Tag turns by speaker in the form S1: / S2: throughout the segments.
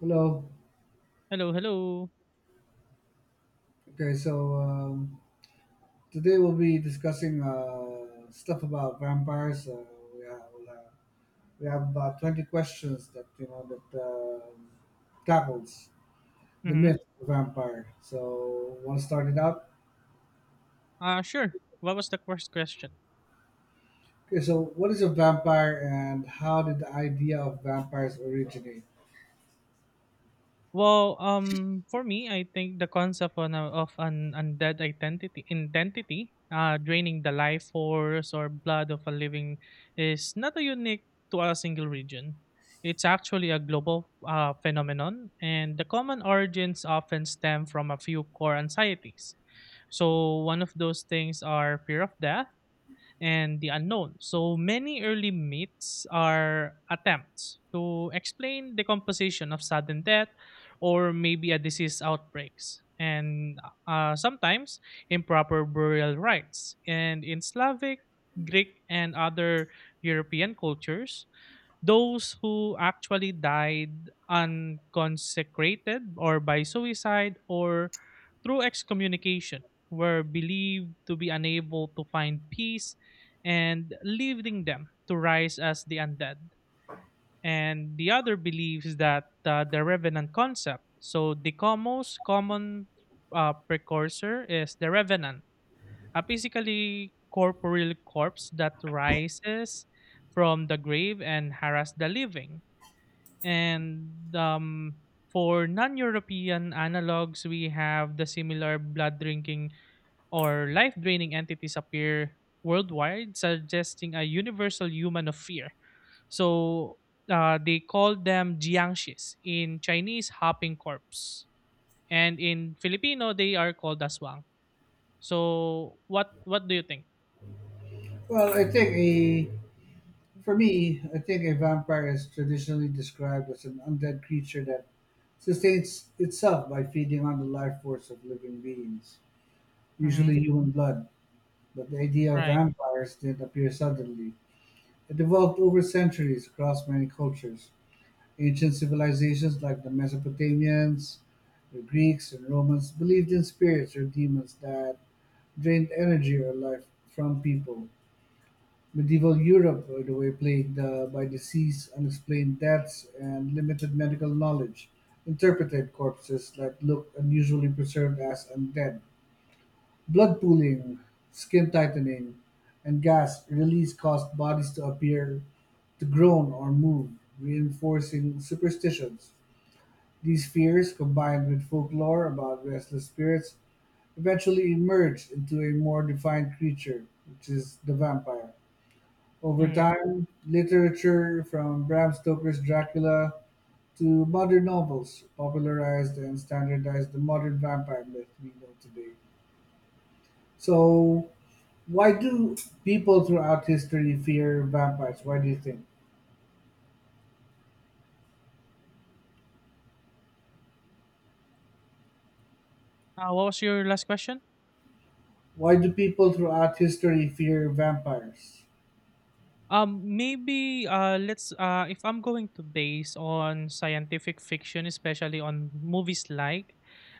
S1: Hello.
S2: Hello, hello.
S1: Okay, so um, Today we'll be discussing stuff about vampires. We have we'll have, we have about 20 questions that tackles the
S2: Mm-hmm.
S1: myth of vampire. So want to start it out?
S2: Sure. What was the first question?
S1: Okay, so what is a vampire and how did the idea of vampires originate?
S2: Well, for me, I think the concept of an undead identity, draining the life force or blood of a living, is not a unique to a single region. It's actually a global phenomenon, and the common origins often stem from a few core anxieties. So, one of those things are fear of death and the unknown. So many early myths are attempts to explain the composition of sudden death or maybe a disease outbreaks and sometimes improper burial rites. And in Slavic, Greek, and other European cultures, those who actually died unconsecrated or by suicide or through excommunication were believed to be unable to find peace and leaving them to rise as the undead. And the other believes that the revenant concept, so the most common precursor is the revenant, a physically corporeal corpse that rises from the grave and harass the living and for non-European analogs, we have the similar blood-drinking or life-draining entities appear worldwide, suggesting a universal human of fear. So they call them jiangshis in Chinese, hopping corpse, and in Filipino, they are called aswang. So what do you think?
S1: Well, I think a For me, I think a vampire is traditionally described as an undead creature that sustains itself by feeding on the life force of living beings,
S2: Mm-hmm.
S1: usually human blood. But the idea of
S2: Right.
S1: vampires didn't appear suddenly. It evolved over centuries across many cultures. Ancient civilizations like the Mesopotamians, the Greeks, and Romans believed in spirits or demons that drained energy or life from people. Medieval Europe, by the way, plagued by disease, unexplained deaths, and limited medical knowledge, interpreted corpses that looked unusually preserved as undead. Blood pooling, skin tightening, and gas release caused bodies to appear to groan or move, reinforcing superstitions. These fears, combined with folklore about restless spirits, eventually emerged into a more defined creature, which is the vampire. Over
S2: Mm.
S1: time, literature from Bram Stoker's Dracula to modern novels popularized and standardized the modern vampire myth we know today. So, why do people throughout history fear vampires? Why do you think?
S2: What was your last question?
S1: Why do people throughout history fear vampires?
S2: Maybe let's if I'm going to base on scientific fiction, especially on movies like,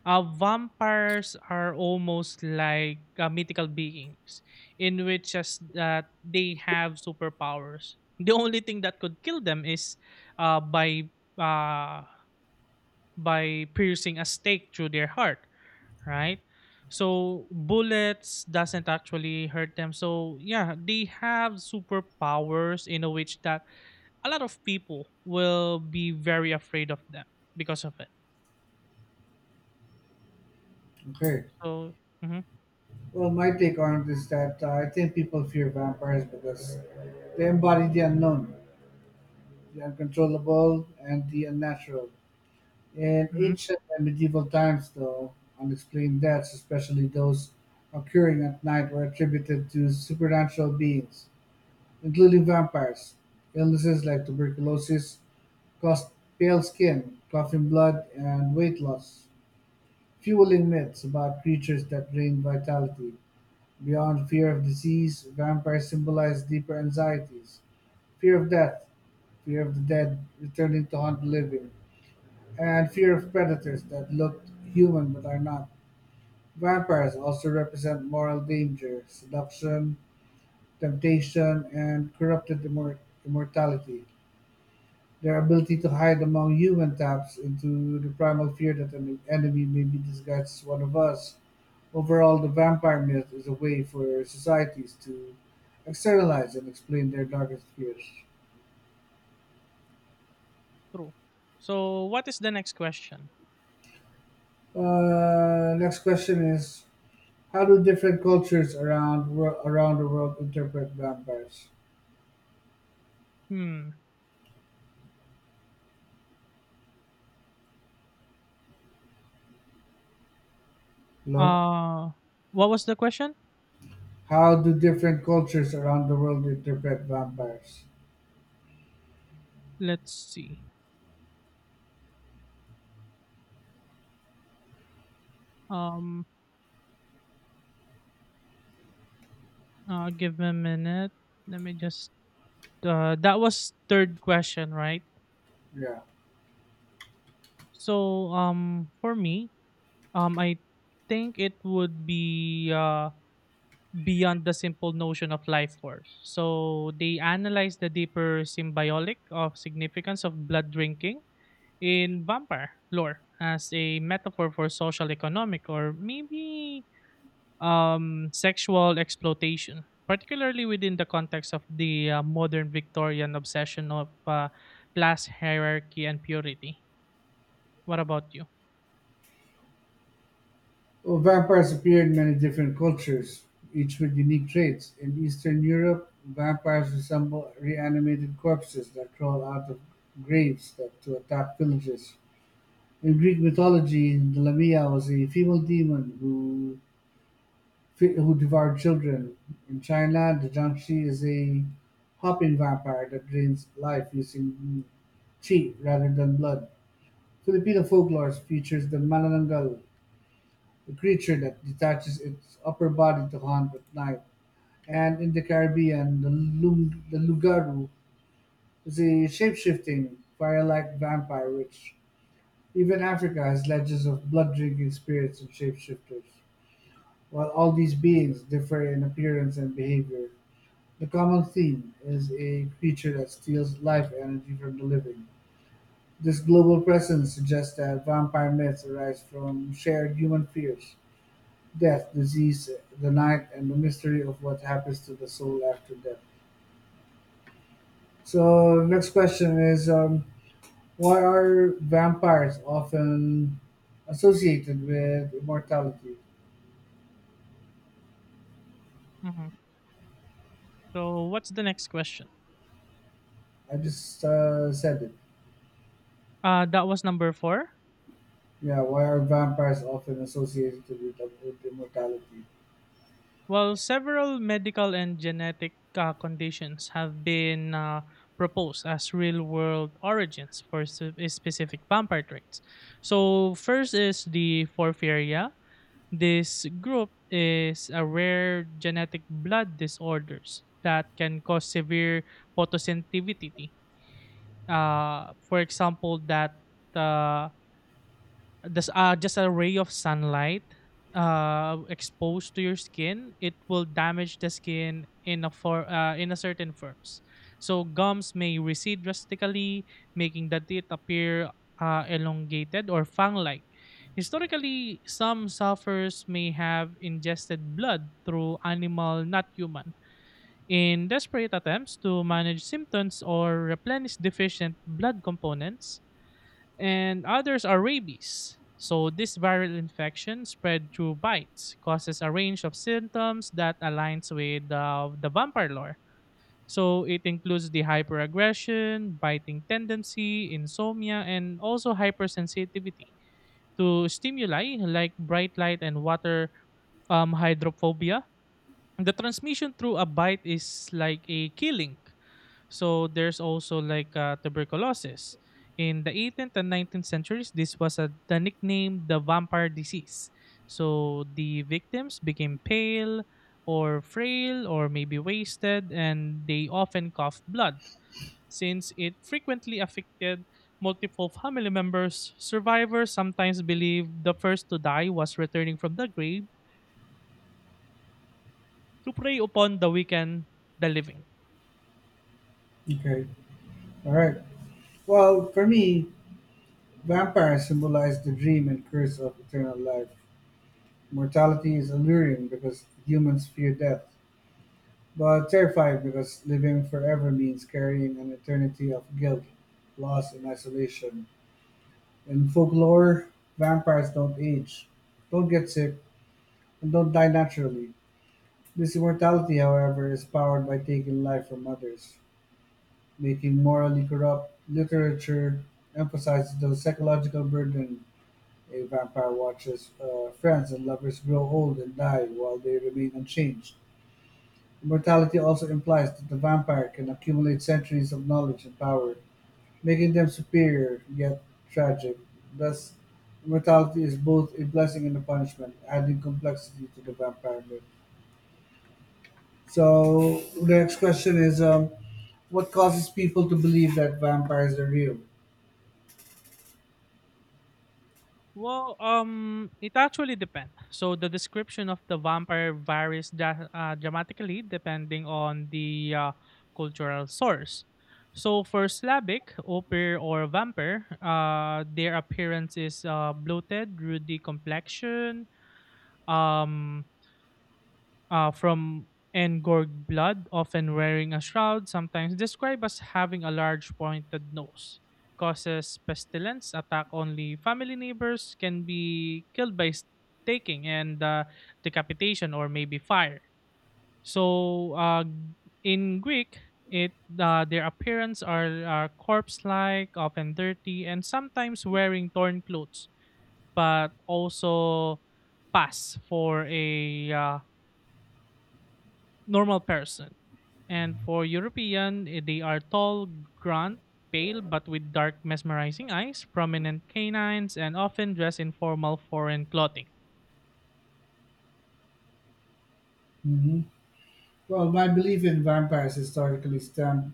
S2: vampires are almost like mythical beings, in which as that they have superpowers. The only thing that could kill them is, uh, by uh, by piercing a stake through their heart, right? So bullets doesn't actually hurt them. So yeah, they have superpowers in a which that a lot of people will be very afraid of them because of it.
S1: Okay.
S2: So. Hmm.
S1: Well, my take on it is that I think people fear vampires because they embody the unknown, the uncontrollable, and the unnatural. In
S2: Hmm.
S1: ancient and medieval times, though, unexplained deaths, especially those occurring at night, were attributed to supernatural beings, including vampires. Illnesses like tuberculosis caused pale skin, coughing blood, and weight loss, fueling myths about creatures that drained vitality. Beyond fear of disease, vampires symbolize deeper anxieties fear of death, fear of the dead returning to haunt the living. And fear of predators that look human but are not. Vampires also represent moral danger, seduction, temptation, and immortality. Their ability to hide among human taps into the primal fear that an enemy may be disguised as one of us. Overall, the vampire myth is a way for societies to externalize and explain their darkest fears.
S2: True. So what is the next question?
S1: Next question is how do different cultures around the world interpret vampires?
S2: Hmm.
S1: Hello?
S2: Uh what was the question?
S1: How do different cultures around the world interpret vampires?
S2: Let's see. Um give me a minute. Let me just that was third question, right?
S1: Yeah.
S2: So for me, I think it would be beyond the simple notion of life force. So they analyze the deeper symbiotic of significance of blood drinking in vampire lore as a metaphor for social, economic, or maybe sexual exploitation, particularly within the context of the modern Victorian obsession of class hierarchy and purity. What about you?
S1: Well, vampires appear in many different cultures, each with unique traits. In Eastern Europe, vampires resemble reanimated corpses that crawl out of graves that, to attack villages. In Greek mythology, the Lamia was a female demon who devour children. In China, the Jiangxi is a hopping vampire that drains life using qi rather than blood. Filipino folklore features the manananggal, a creature that detaches its upper body to hunt at night. And in the Caribbean, the lugaru is a shape-shifting, fire-like vampire which even Africa has legends of blood-drinking spirits and shapeshifters. While all these beings differ in appearance and behavior, the common theme is a creature that steals life energy from the living. This global presence suggests that vampire myths arise from shared human fears: death, disease, the night, and the mystery of what happens to the soul after death. So, next question is why are vampires often associated with immortality?
S2: Hmm. So, what's the next question?
S1: I just said it.
S2: That was number four.
S1: Yeah, why are vampires often associated with immortality?
S2: Well, several medical and genetic conditions have been proposed as real world origins for specific vampire traits. So, first is the porphyria. This group is a rare genetic blood disorders that can cause severe photosensitivity. For example, that uh, this just a ray of sunlight exposed to your skin, it will damage the skin in a certain forms, so gums may recede drastically, making the teeth appear elongated or fang-like. Historically, some sufferers may have ingested blood through animal, not human, in desperate attempts to manage symptoms or replenish deficient blood components. And others are rabies. So, this viral infection spread through bites, causes a range of symptoms that aligns with the vampire lore. So, it includes the hyperaggression, biting tendency, insomnia, and also hypersensitivity to stimuli like bright light and water, hydrophobia. The transmission through a bite is like a killing, so there's also like tuberculosis. In the 18th and 19th centuries, this was the nickname, the vampire disease. So the victims became pale or frail or maybe wasted, and they often coughed blood. Since it frequently affected multiple family members, survivors sometimes believed the first to die was returning from the grave to prey upon the weakened, the living.
S1: Okay, all right. Well, for me, vampires symbolize the dream and curse of eternal life. Mortality is alluring because humans fear death, but terrifying because living forever means carrying an eternity of guilt, loss, and isolation. In folklore, vampires don't age, don't get sick, and don't die naturally. This immortality, however, is powered by taking life from others, making morally corrupt literature emphasizes the psychological burden. A vampire watches friends and lovers grow old and die while they remain unchanged. Immortality also implies that the vampire can accumulate centuries of knowledge and power, making them superior yet tragic. Thus, immortality is both a blessing and a punishment, adding complexity to the vampire myth. So, the next question is what causes people to believe that vampires are real?
S2: Well, it actually depends. So the description of the vampire varies dramatically, depending on the cultural source. So for Slavic, opir or vampire, their appearance is bloated, ruddy complexion, um, from engorged blood, often wearing a shroud, sometimes described as having a large pointed nose. Causes pestilence, attack only family neighbors, can be killed by staking and decapitation or maybe fire. So in Greek, it their appearance are corpse-like, often dirty, and sometimes wearing torn clothes, but also pass for a normal person. And for European, they are tall, gaunt, pale, but with dark, mesmerizing eyes, prominent canines, and often dressed in formal foreign clothing.
S1: Mhm. Well, my belief in vampires historically stemmed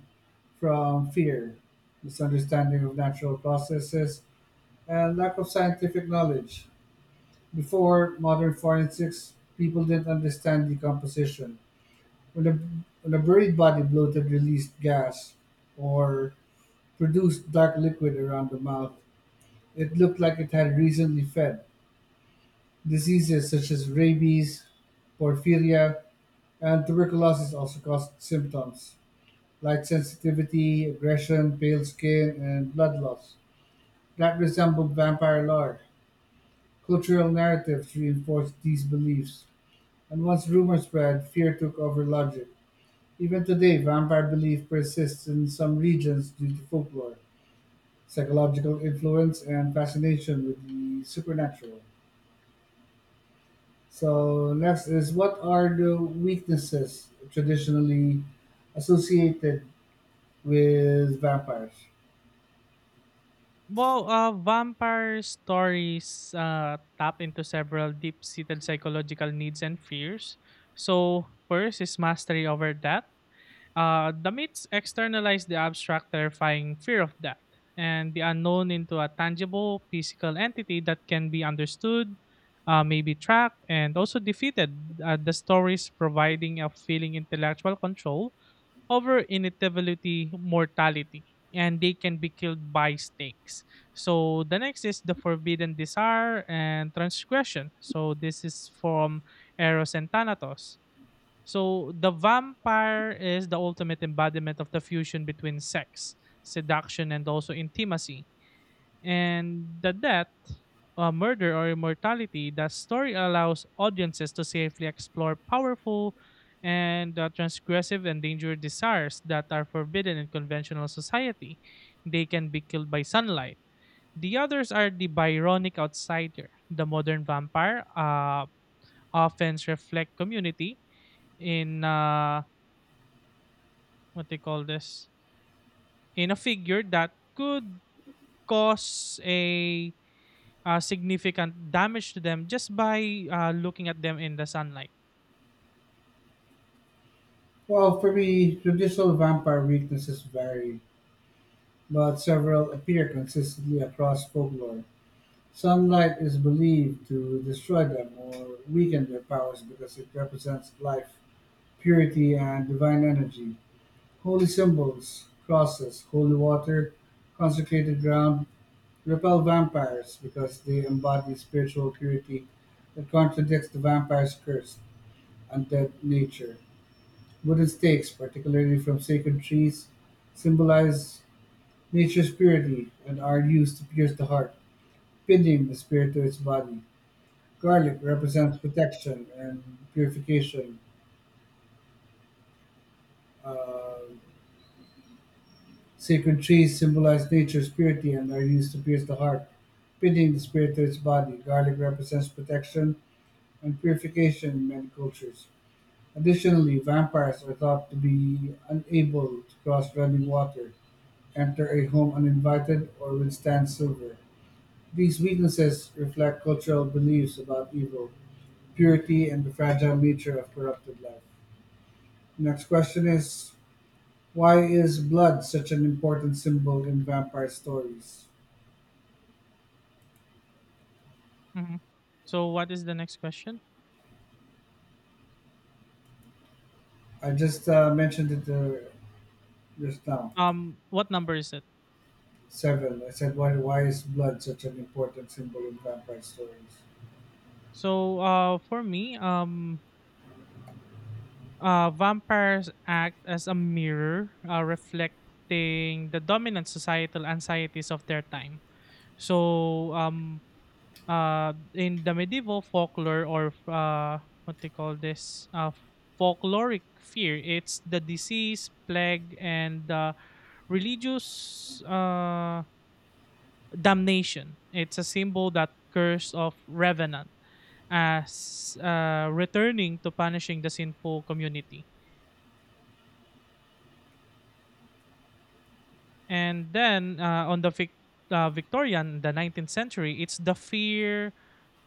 S1: from fear, misunderstanding of natural processes, and lack of scientific knowledge. Before modern forensics, people didn't understand decomposition. When a, when a buried body bloated released gas or produced dark liquid around the mouth, it looked like it had recently fed. Diseases such as rabies, porphyria, and tuberculosis also caused symptoms: light sensitivity, aggression, pale skin, and blood loss that resembled vampire lore. Cultural narratives reinforced these beliefs, and once rumor spread, fear took over logic. Even today, vampire belief persists in some regions due to folklore, psychological influence, and fascination with the supernatural. So, next is what are the weaknesses traditionally associated with vampires?
S2: Well, vampire stories tap into several deep-seated psychological needs and fears. So, first is mastery over death. The myths externalize the abstract, terrifying fear of death and the unknown into a tangible physical entity that can be understood, maybe tracked, and also defeated. The stories providing a feeling intellectual control over inevitability mortality, and they can be killed by snakes. So the next is the forbidden desire and transgression, so this is from eros and thanatos. So the vampire is the ultimate embodiment of the fusion between sex, seduction, and also intimacy, and the death, murder, or immortality. The story allows audiences to safely explore powerful and transgressive and dangerous desires that are forbidden in conventional society. They can be killed by sunlight. The others are the Byronic outsider, the modern vampire, often reflect community in what they call this, in a figure that could cause a significant damage to them just by looking at them in the sunlight.
S1: Well, for me, traditional vampire weaknesses vary, but several appear consistently across folklore. Sunlight is believed to destroy them or weaken their powers because it represents life, purity, and divine energy. Holy symbols, crosses, holy water, consecrated ground, repel vampires because they embody spiritual purity that contradicts the vampire's curse, undead nature. Wooden stakes, particularly from sacred trees, symbolize nature's purity and are used to pierce the heart, pinning the spirit to its body. Garlic represents protection and purification. Uh, Sacred trees symbolize nature's purity and are used to pierce the heart, pinning the spirit to its body. Garlic represents protection and purification in many cultures. Additionally, vampires are thought to be unable to cross running water, enter a home uninvited, or withstand silver. These weaknesses reflect cultural beliefs about evil, purity, and the fragile nature of corrupted life. Next question is why is blood such an important symbol in vampire stories?
S2: Mhm. So what is the next question?
S1: I just mentioned it just now.
S2: What number is it?
S1: Seven. I said, why is blood such an important symbol in vampire stories?
S2: So for me, vampires act as a mirror, reflecting the dominant societal anxieties of their time. So in the medieval folklore or what they call this, folkloric fear, it's the disease, plague, and religious damnation. It's a symbol that curse of revenant as returning to punishing the sinful community. And then on the Victorian, the 19th century, it's the fear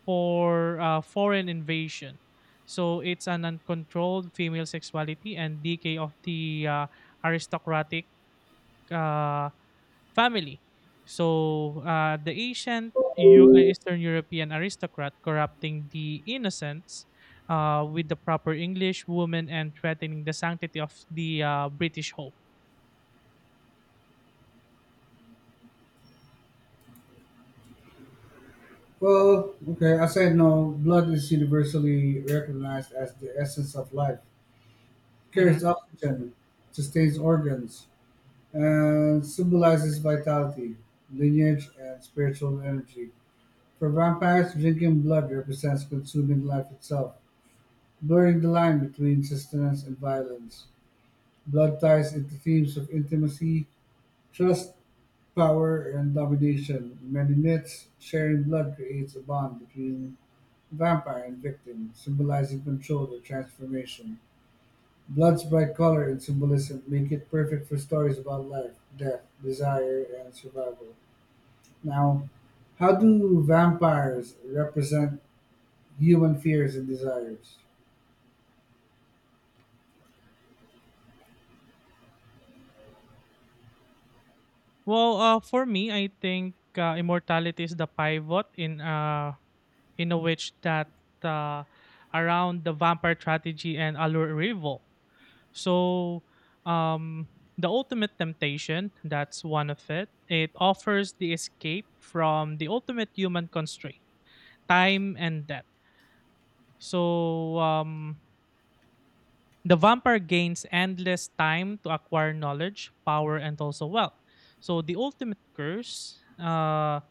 S2: for foreign invasion. So it's an uncontrolled female sexuality and decay of the aristocratic uh, family. So the ancient Eastern European aristocrat corrupting the innocents with the proper English woman and threatening the sanctity of the British hope.
S1: Well, okay, as I know, blood is universally recognized as the essence of life
S2: Mhm.
S1: carries oxygen, sustains organs, and symbolizes vitality, lineage, and spiritual energy. For vampires, drinking blood represents consuming life itself, blurring the line between sustenance and violence. Blood ties into themes of intimacy, trust, power, and domination. In many myths, sharing blood creates a bond between vampire and victim, symbolizing control or transformation. Blood's bright color and symbolism make it perfect for stories about life, death, desire, and survival. Now, how do vampires represent human fears and desires?
S2: Well, for me, I think immortality is the pivot in a witch that uh, around the vampire strategy and allure rival. So um, the ultimate temptation, that's one of it. It offers the escape from the ultimate human constraint, time and death. So the vampire gains endless time to acquire knowledge, power, and also wealth. So the ultimate curse. Uh,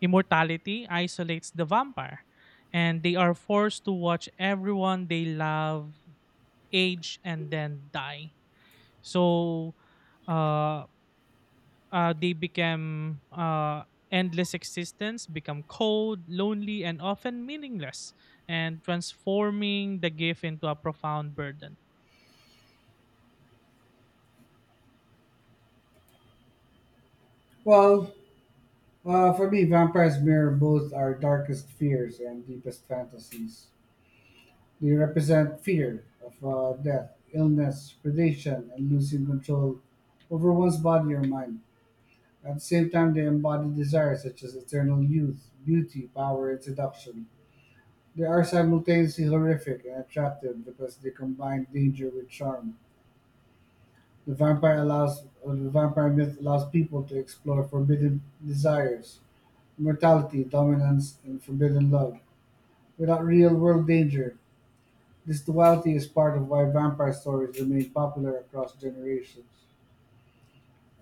S2: Immortality isolates the vampire, and they are forced to watch everyone they love age and then die. So, uh, they become endless existence, become cold, lonely, and often meaningless, and transforming the gift into a profound burden.
S1: Well, for me, vampires mirror both our darkest fears and deepest fantasies. They represent fear of death, illness, predation, and losing control over one's body or mind. At the same time, they embody desires such as eternal youth, beauty, power, and seduction. They are simultaneously horrific and attractive because they combine danger with charm. The vampire myth allows people to explore forbidden desires, immortality, dominance, and forbidden love without real world danger. This duality is part of why vampire stories remain popular across generations.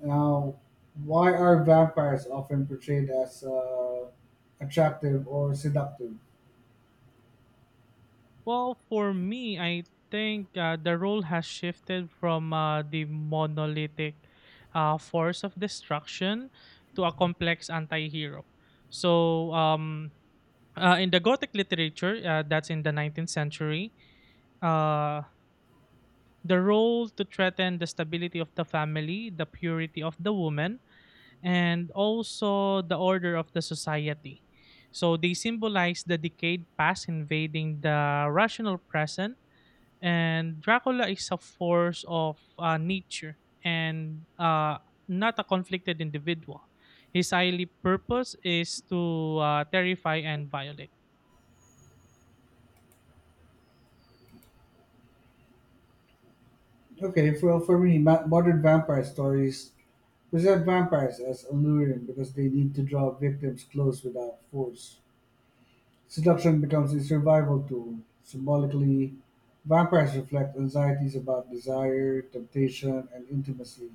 S1: Now, why are vampires often portrayed as attractive or seductive?
S2: Well, for me, I think the role has shifted from the monolithic force of destruction to a complex anti-hero. So, in the Gothic literature, that's in the 19th century, uh, the role to threaten the stability of the family, the purity of the woman, and also the order of the society. So they symbolize the decayed past invading the rational present, and Dracula is a force of nature and not a conflicted individual. His highly purpose is to terrify and violate.
S1: Okay, for me, modern vampire stories present vampires as alluring because they need to draw victims close without force. Seduction becomes a survival tool. Symbolically, vampires reflect anxieties about desire, temptation, and intimacy.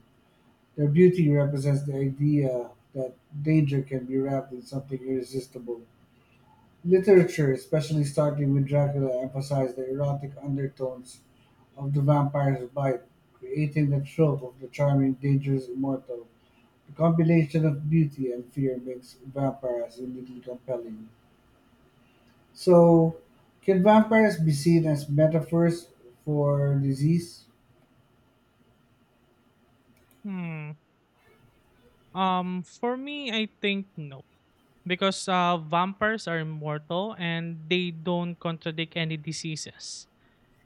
S1: Their beauty represents the idea that danger can be wrapped in something irresistible. Literature, especially starting with Dracula, emphasized the erotic undertones of the vampire's bite, creating the trope of the charming, dangerous immortal. The combination of beauty and fear makes vampires uniquely compelling. So, can vampires be seen as metaphors for disease?
S2: Hmm. For me, I think no, because vampires are immortal and they don't contradict any diseases,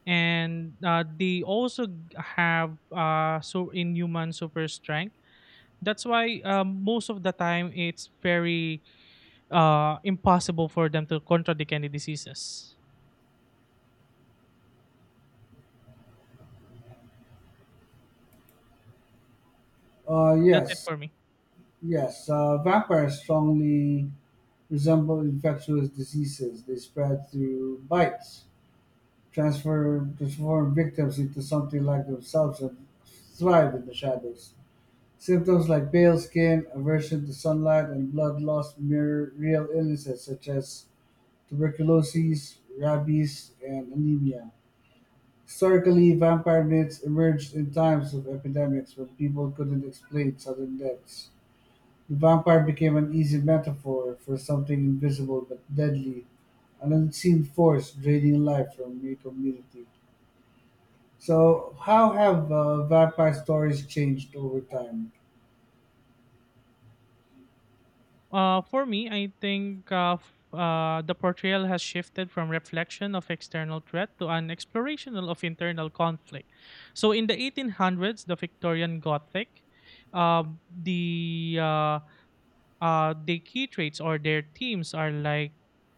S2: and they also have so inhuman super strength. That's why most of the time it's very impossible for them to contradict any diseases. That's it
S1: Yes,
S2: for me.
S1: yes. Vampires strongly resemble infectious diseases. They spread through bites, transfer transform victims into something like themselves, and thrive in the shadows. Symptoms like pale skin, aversion to sunlight, and blood loss mirror real illnesses such as tuberculosis, rabies, and anemia. Historically, vampire myths emerged in times of epidemics when people couldn't explain sudden deaths. The vampire became an easy metaphor for something invisible but deadly, an unseen force draining life from a community. So, how have vampire stories changed over time?
S2: For me, I think the portrayal has shifted from reflection of external threat to an exploration of internal conflict. So in the 1800s, the Victorian Gothic, uh, the uh, the key traits or their themes are like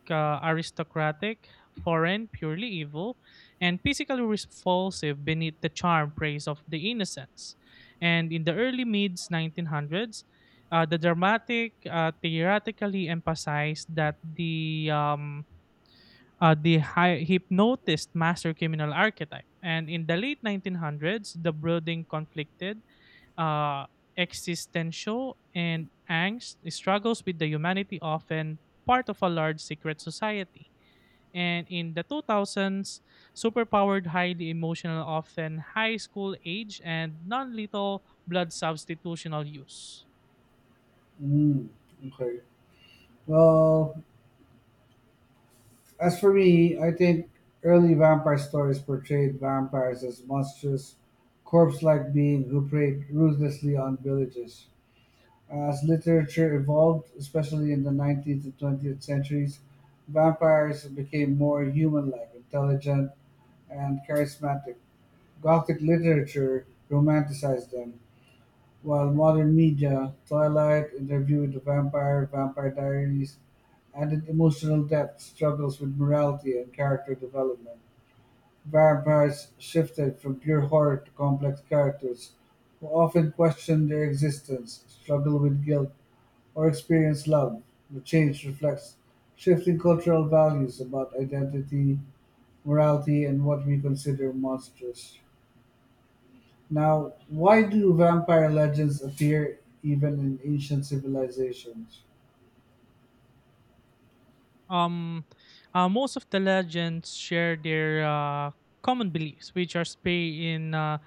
S2: aristocratic, foreign, purely evil, and physically repulsive beneath the charm praise of the innocence. And in the early mids 1900s, the dramatic theoretically emphasized that the hypnotist master criminal archetype. And in the late 1900s, the brooding conflicted uh, existential and angst struggles with the humanity, often part of a large secret society, and in the 2000s, superpowered, highly emotional, often high school age, and non lethal blood substitutional use.
S1: Mm, okay. Well, as for me, I think early vampire stories portrayed vampires as monstrous, corpse like beings who preyed ruthlessly on villages. As literature evolved, especially in the 19th and 20th centuries, vampires became more human like, intelligent, and charismatic. Gothic literature romanticized them, while modern media, "Twilight" interviewed the vampire, "Vampire Diaries" added emotional depth, struggles with morality, and character development. Vampires shifted from pure horror to complex characters who often question their existence, struggle with guilt, or experience love. The change reflects shifting cultural values about identity, morality, and what we consider monstrous. Now, why do vampire legends appear even in ancient civilizations?
S2: Um, most of the legends share their common beliefs, which are spay in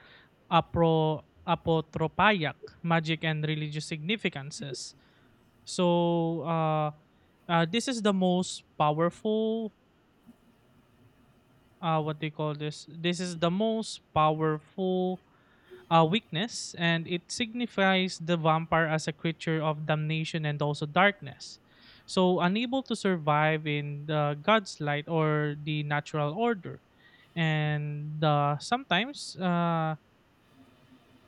S2: apotropaic magic and religious significances. So this is the most powerful. What they call this? This is the most powerful weakness, and it signifies the vampire as a creature of damnation and also darkness. So, unable to survive in the god's light or the natural order. And sometimes,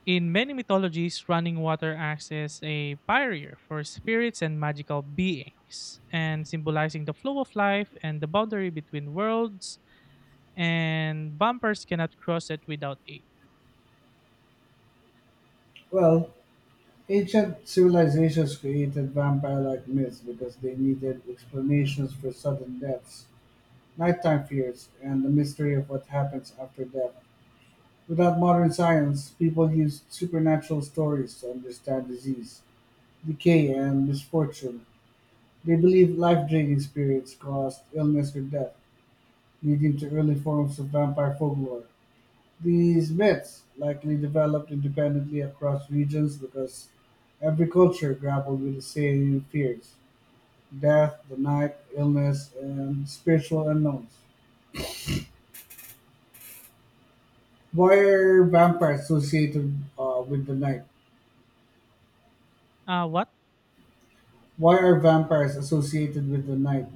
S2: in many mythologies, running water acts as a barrier for spirits and magical beings, and symbolizing the flow of life and the boundary between worlds, and bumpers cannot cross it without aid.
S1: Well, ancient civilizations created vampire like myths because they needed explanations for sudden deaths, nighttime fears, and the mystery of what happens after death. Without modern science, people used supernatural stories to understand disease, decay, and misfortune. They believed life draining spirits caused illness or death, leading to early forms of vampire folklore. These myths likely developed independently across regions because every culture grappled with the same fears death, the night, illness, and spiritual unknowns. Why are vampires associated with the night?
S2: What?
S1: Why are vampires associated with the night?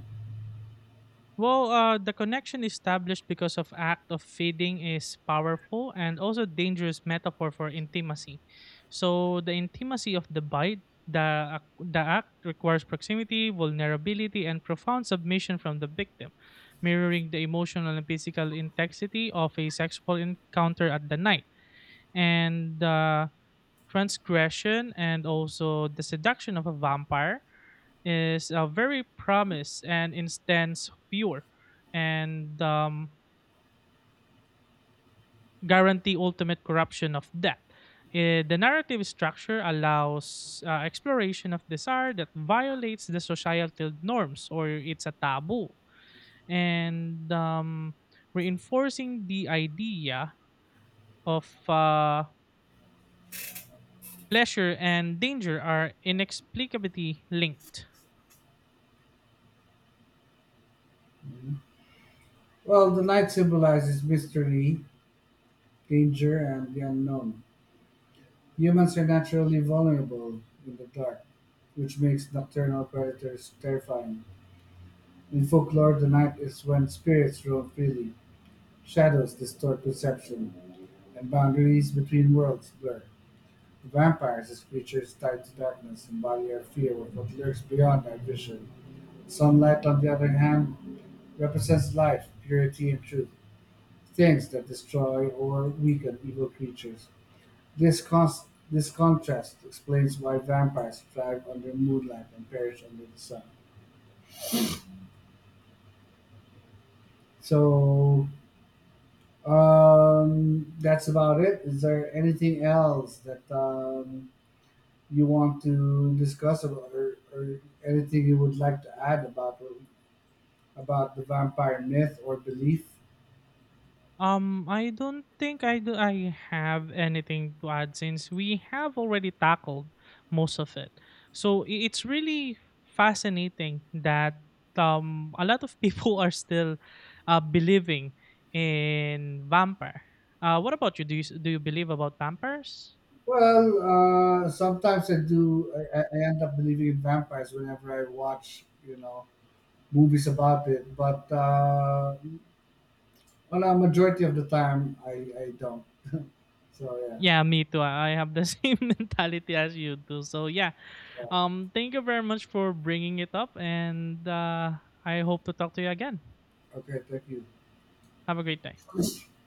S2: Well, the connection established because of act of feeding is powerful and also dangerous metaphor for intimacy. So the intimacy of the bite, the the act requires proximity, vulnerability, and profound submission from the victim, mirroring the emotional and physical intensity of a sexual encounter at the night. And the transgression and also the seduction of a vampire is a very promise and instance pure, and guarantee ultimate corruption of death. The narrative structure allows exploration of desire that violates the societal norms or it's a taboo, and reinforcing the idea of pleasure and danger are inexplicably linked.
S1: Well, the night symbolizes mystery, danger, and the unknown. Humans are naturally vulnerable in the dark, which makes nocturnal predators terrifying. In folklore, the night is when spirits roam freely, shadows distort perception, and boundaries between worlds blur. The vampires, as creatures tied to darkness, embody our fear of what lurks beyond our vision. Sunlight, on the other hand, represents life, purity, and truth, things that destroy or weaken evil creatures. This, cons- this contrast explains why vampires thrive under moonlight and perish under the sun. So, that's about it. Is there anything else that you want to discuss about, or anything you would like to add about the vampire myth or belief?
S2: I don't think I do. I have anything to add since we have already tackled most of it. So it's really fascinating that a lot of people are still believing in vampire. What about you? Do you believe about vampires?
S1: Well, sometimes I do. I end up believing in vampires whenever I watch, you know, movies about it. But on a majority of the time, I don't. So yeah.
S2: Yeah, me too. I have the same mentality as you do. So yeah,
S1: Well,
S2: thank you very much for bringing it up, and I hope to talk to you again.
S1: okay. Thank
S2: Have a great day.
S1: you.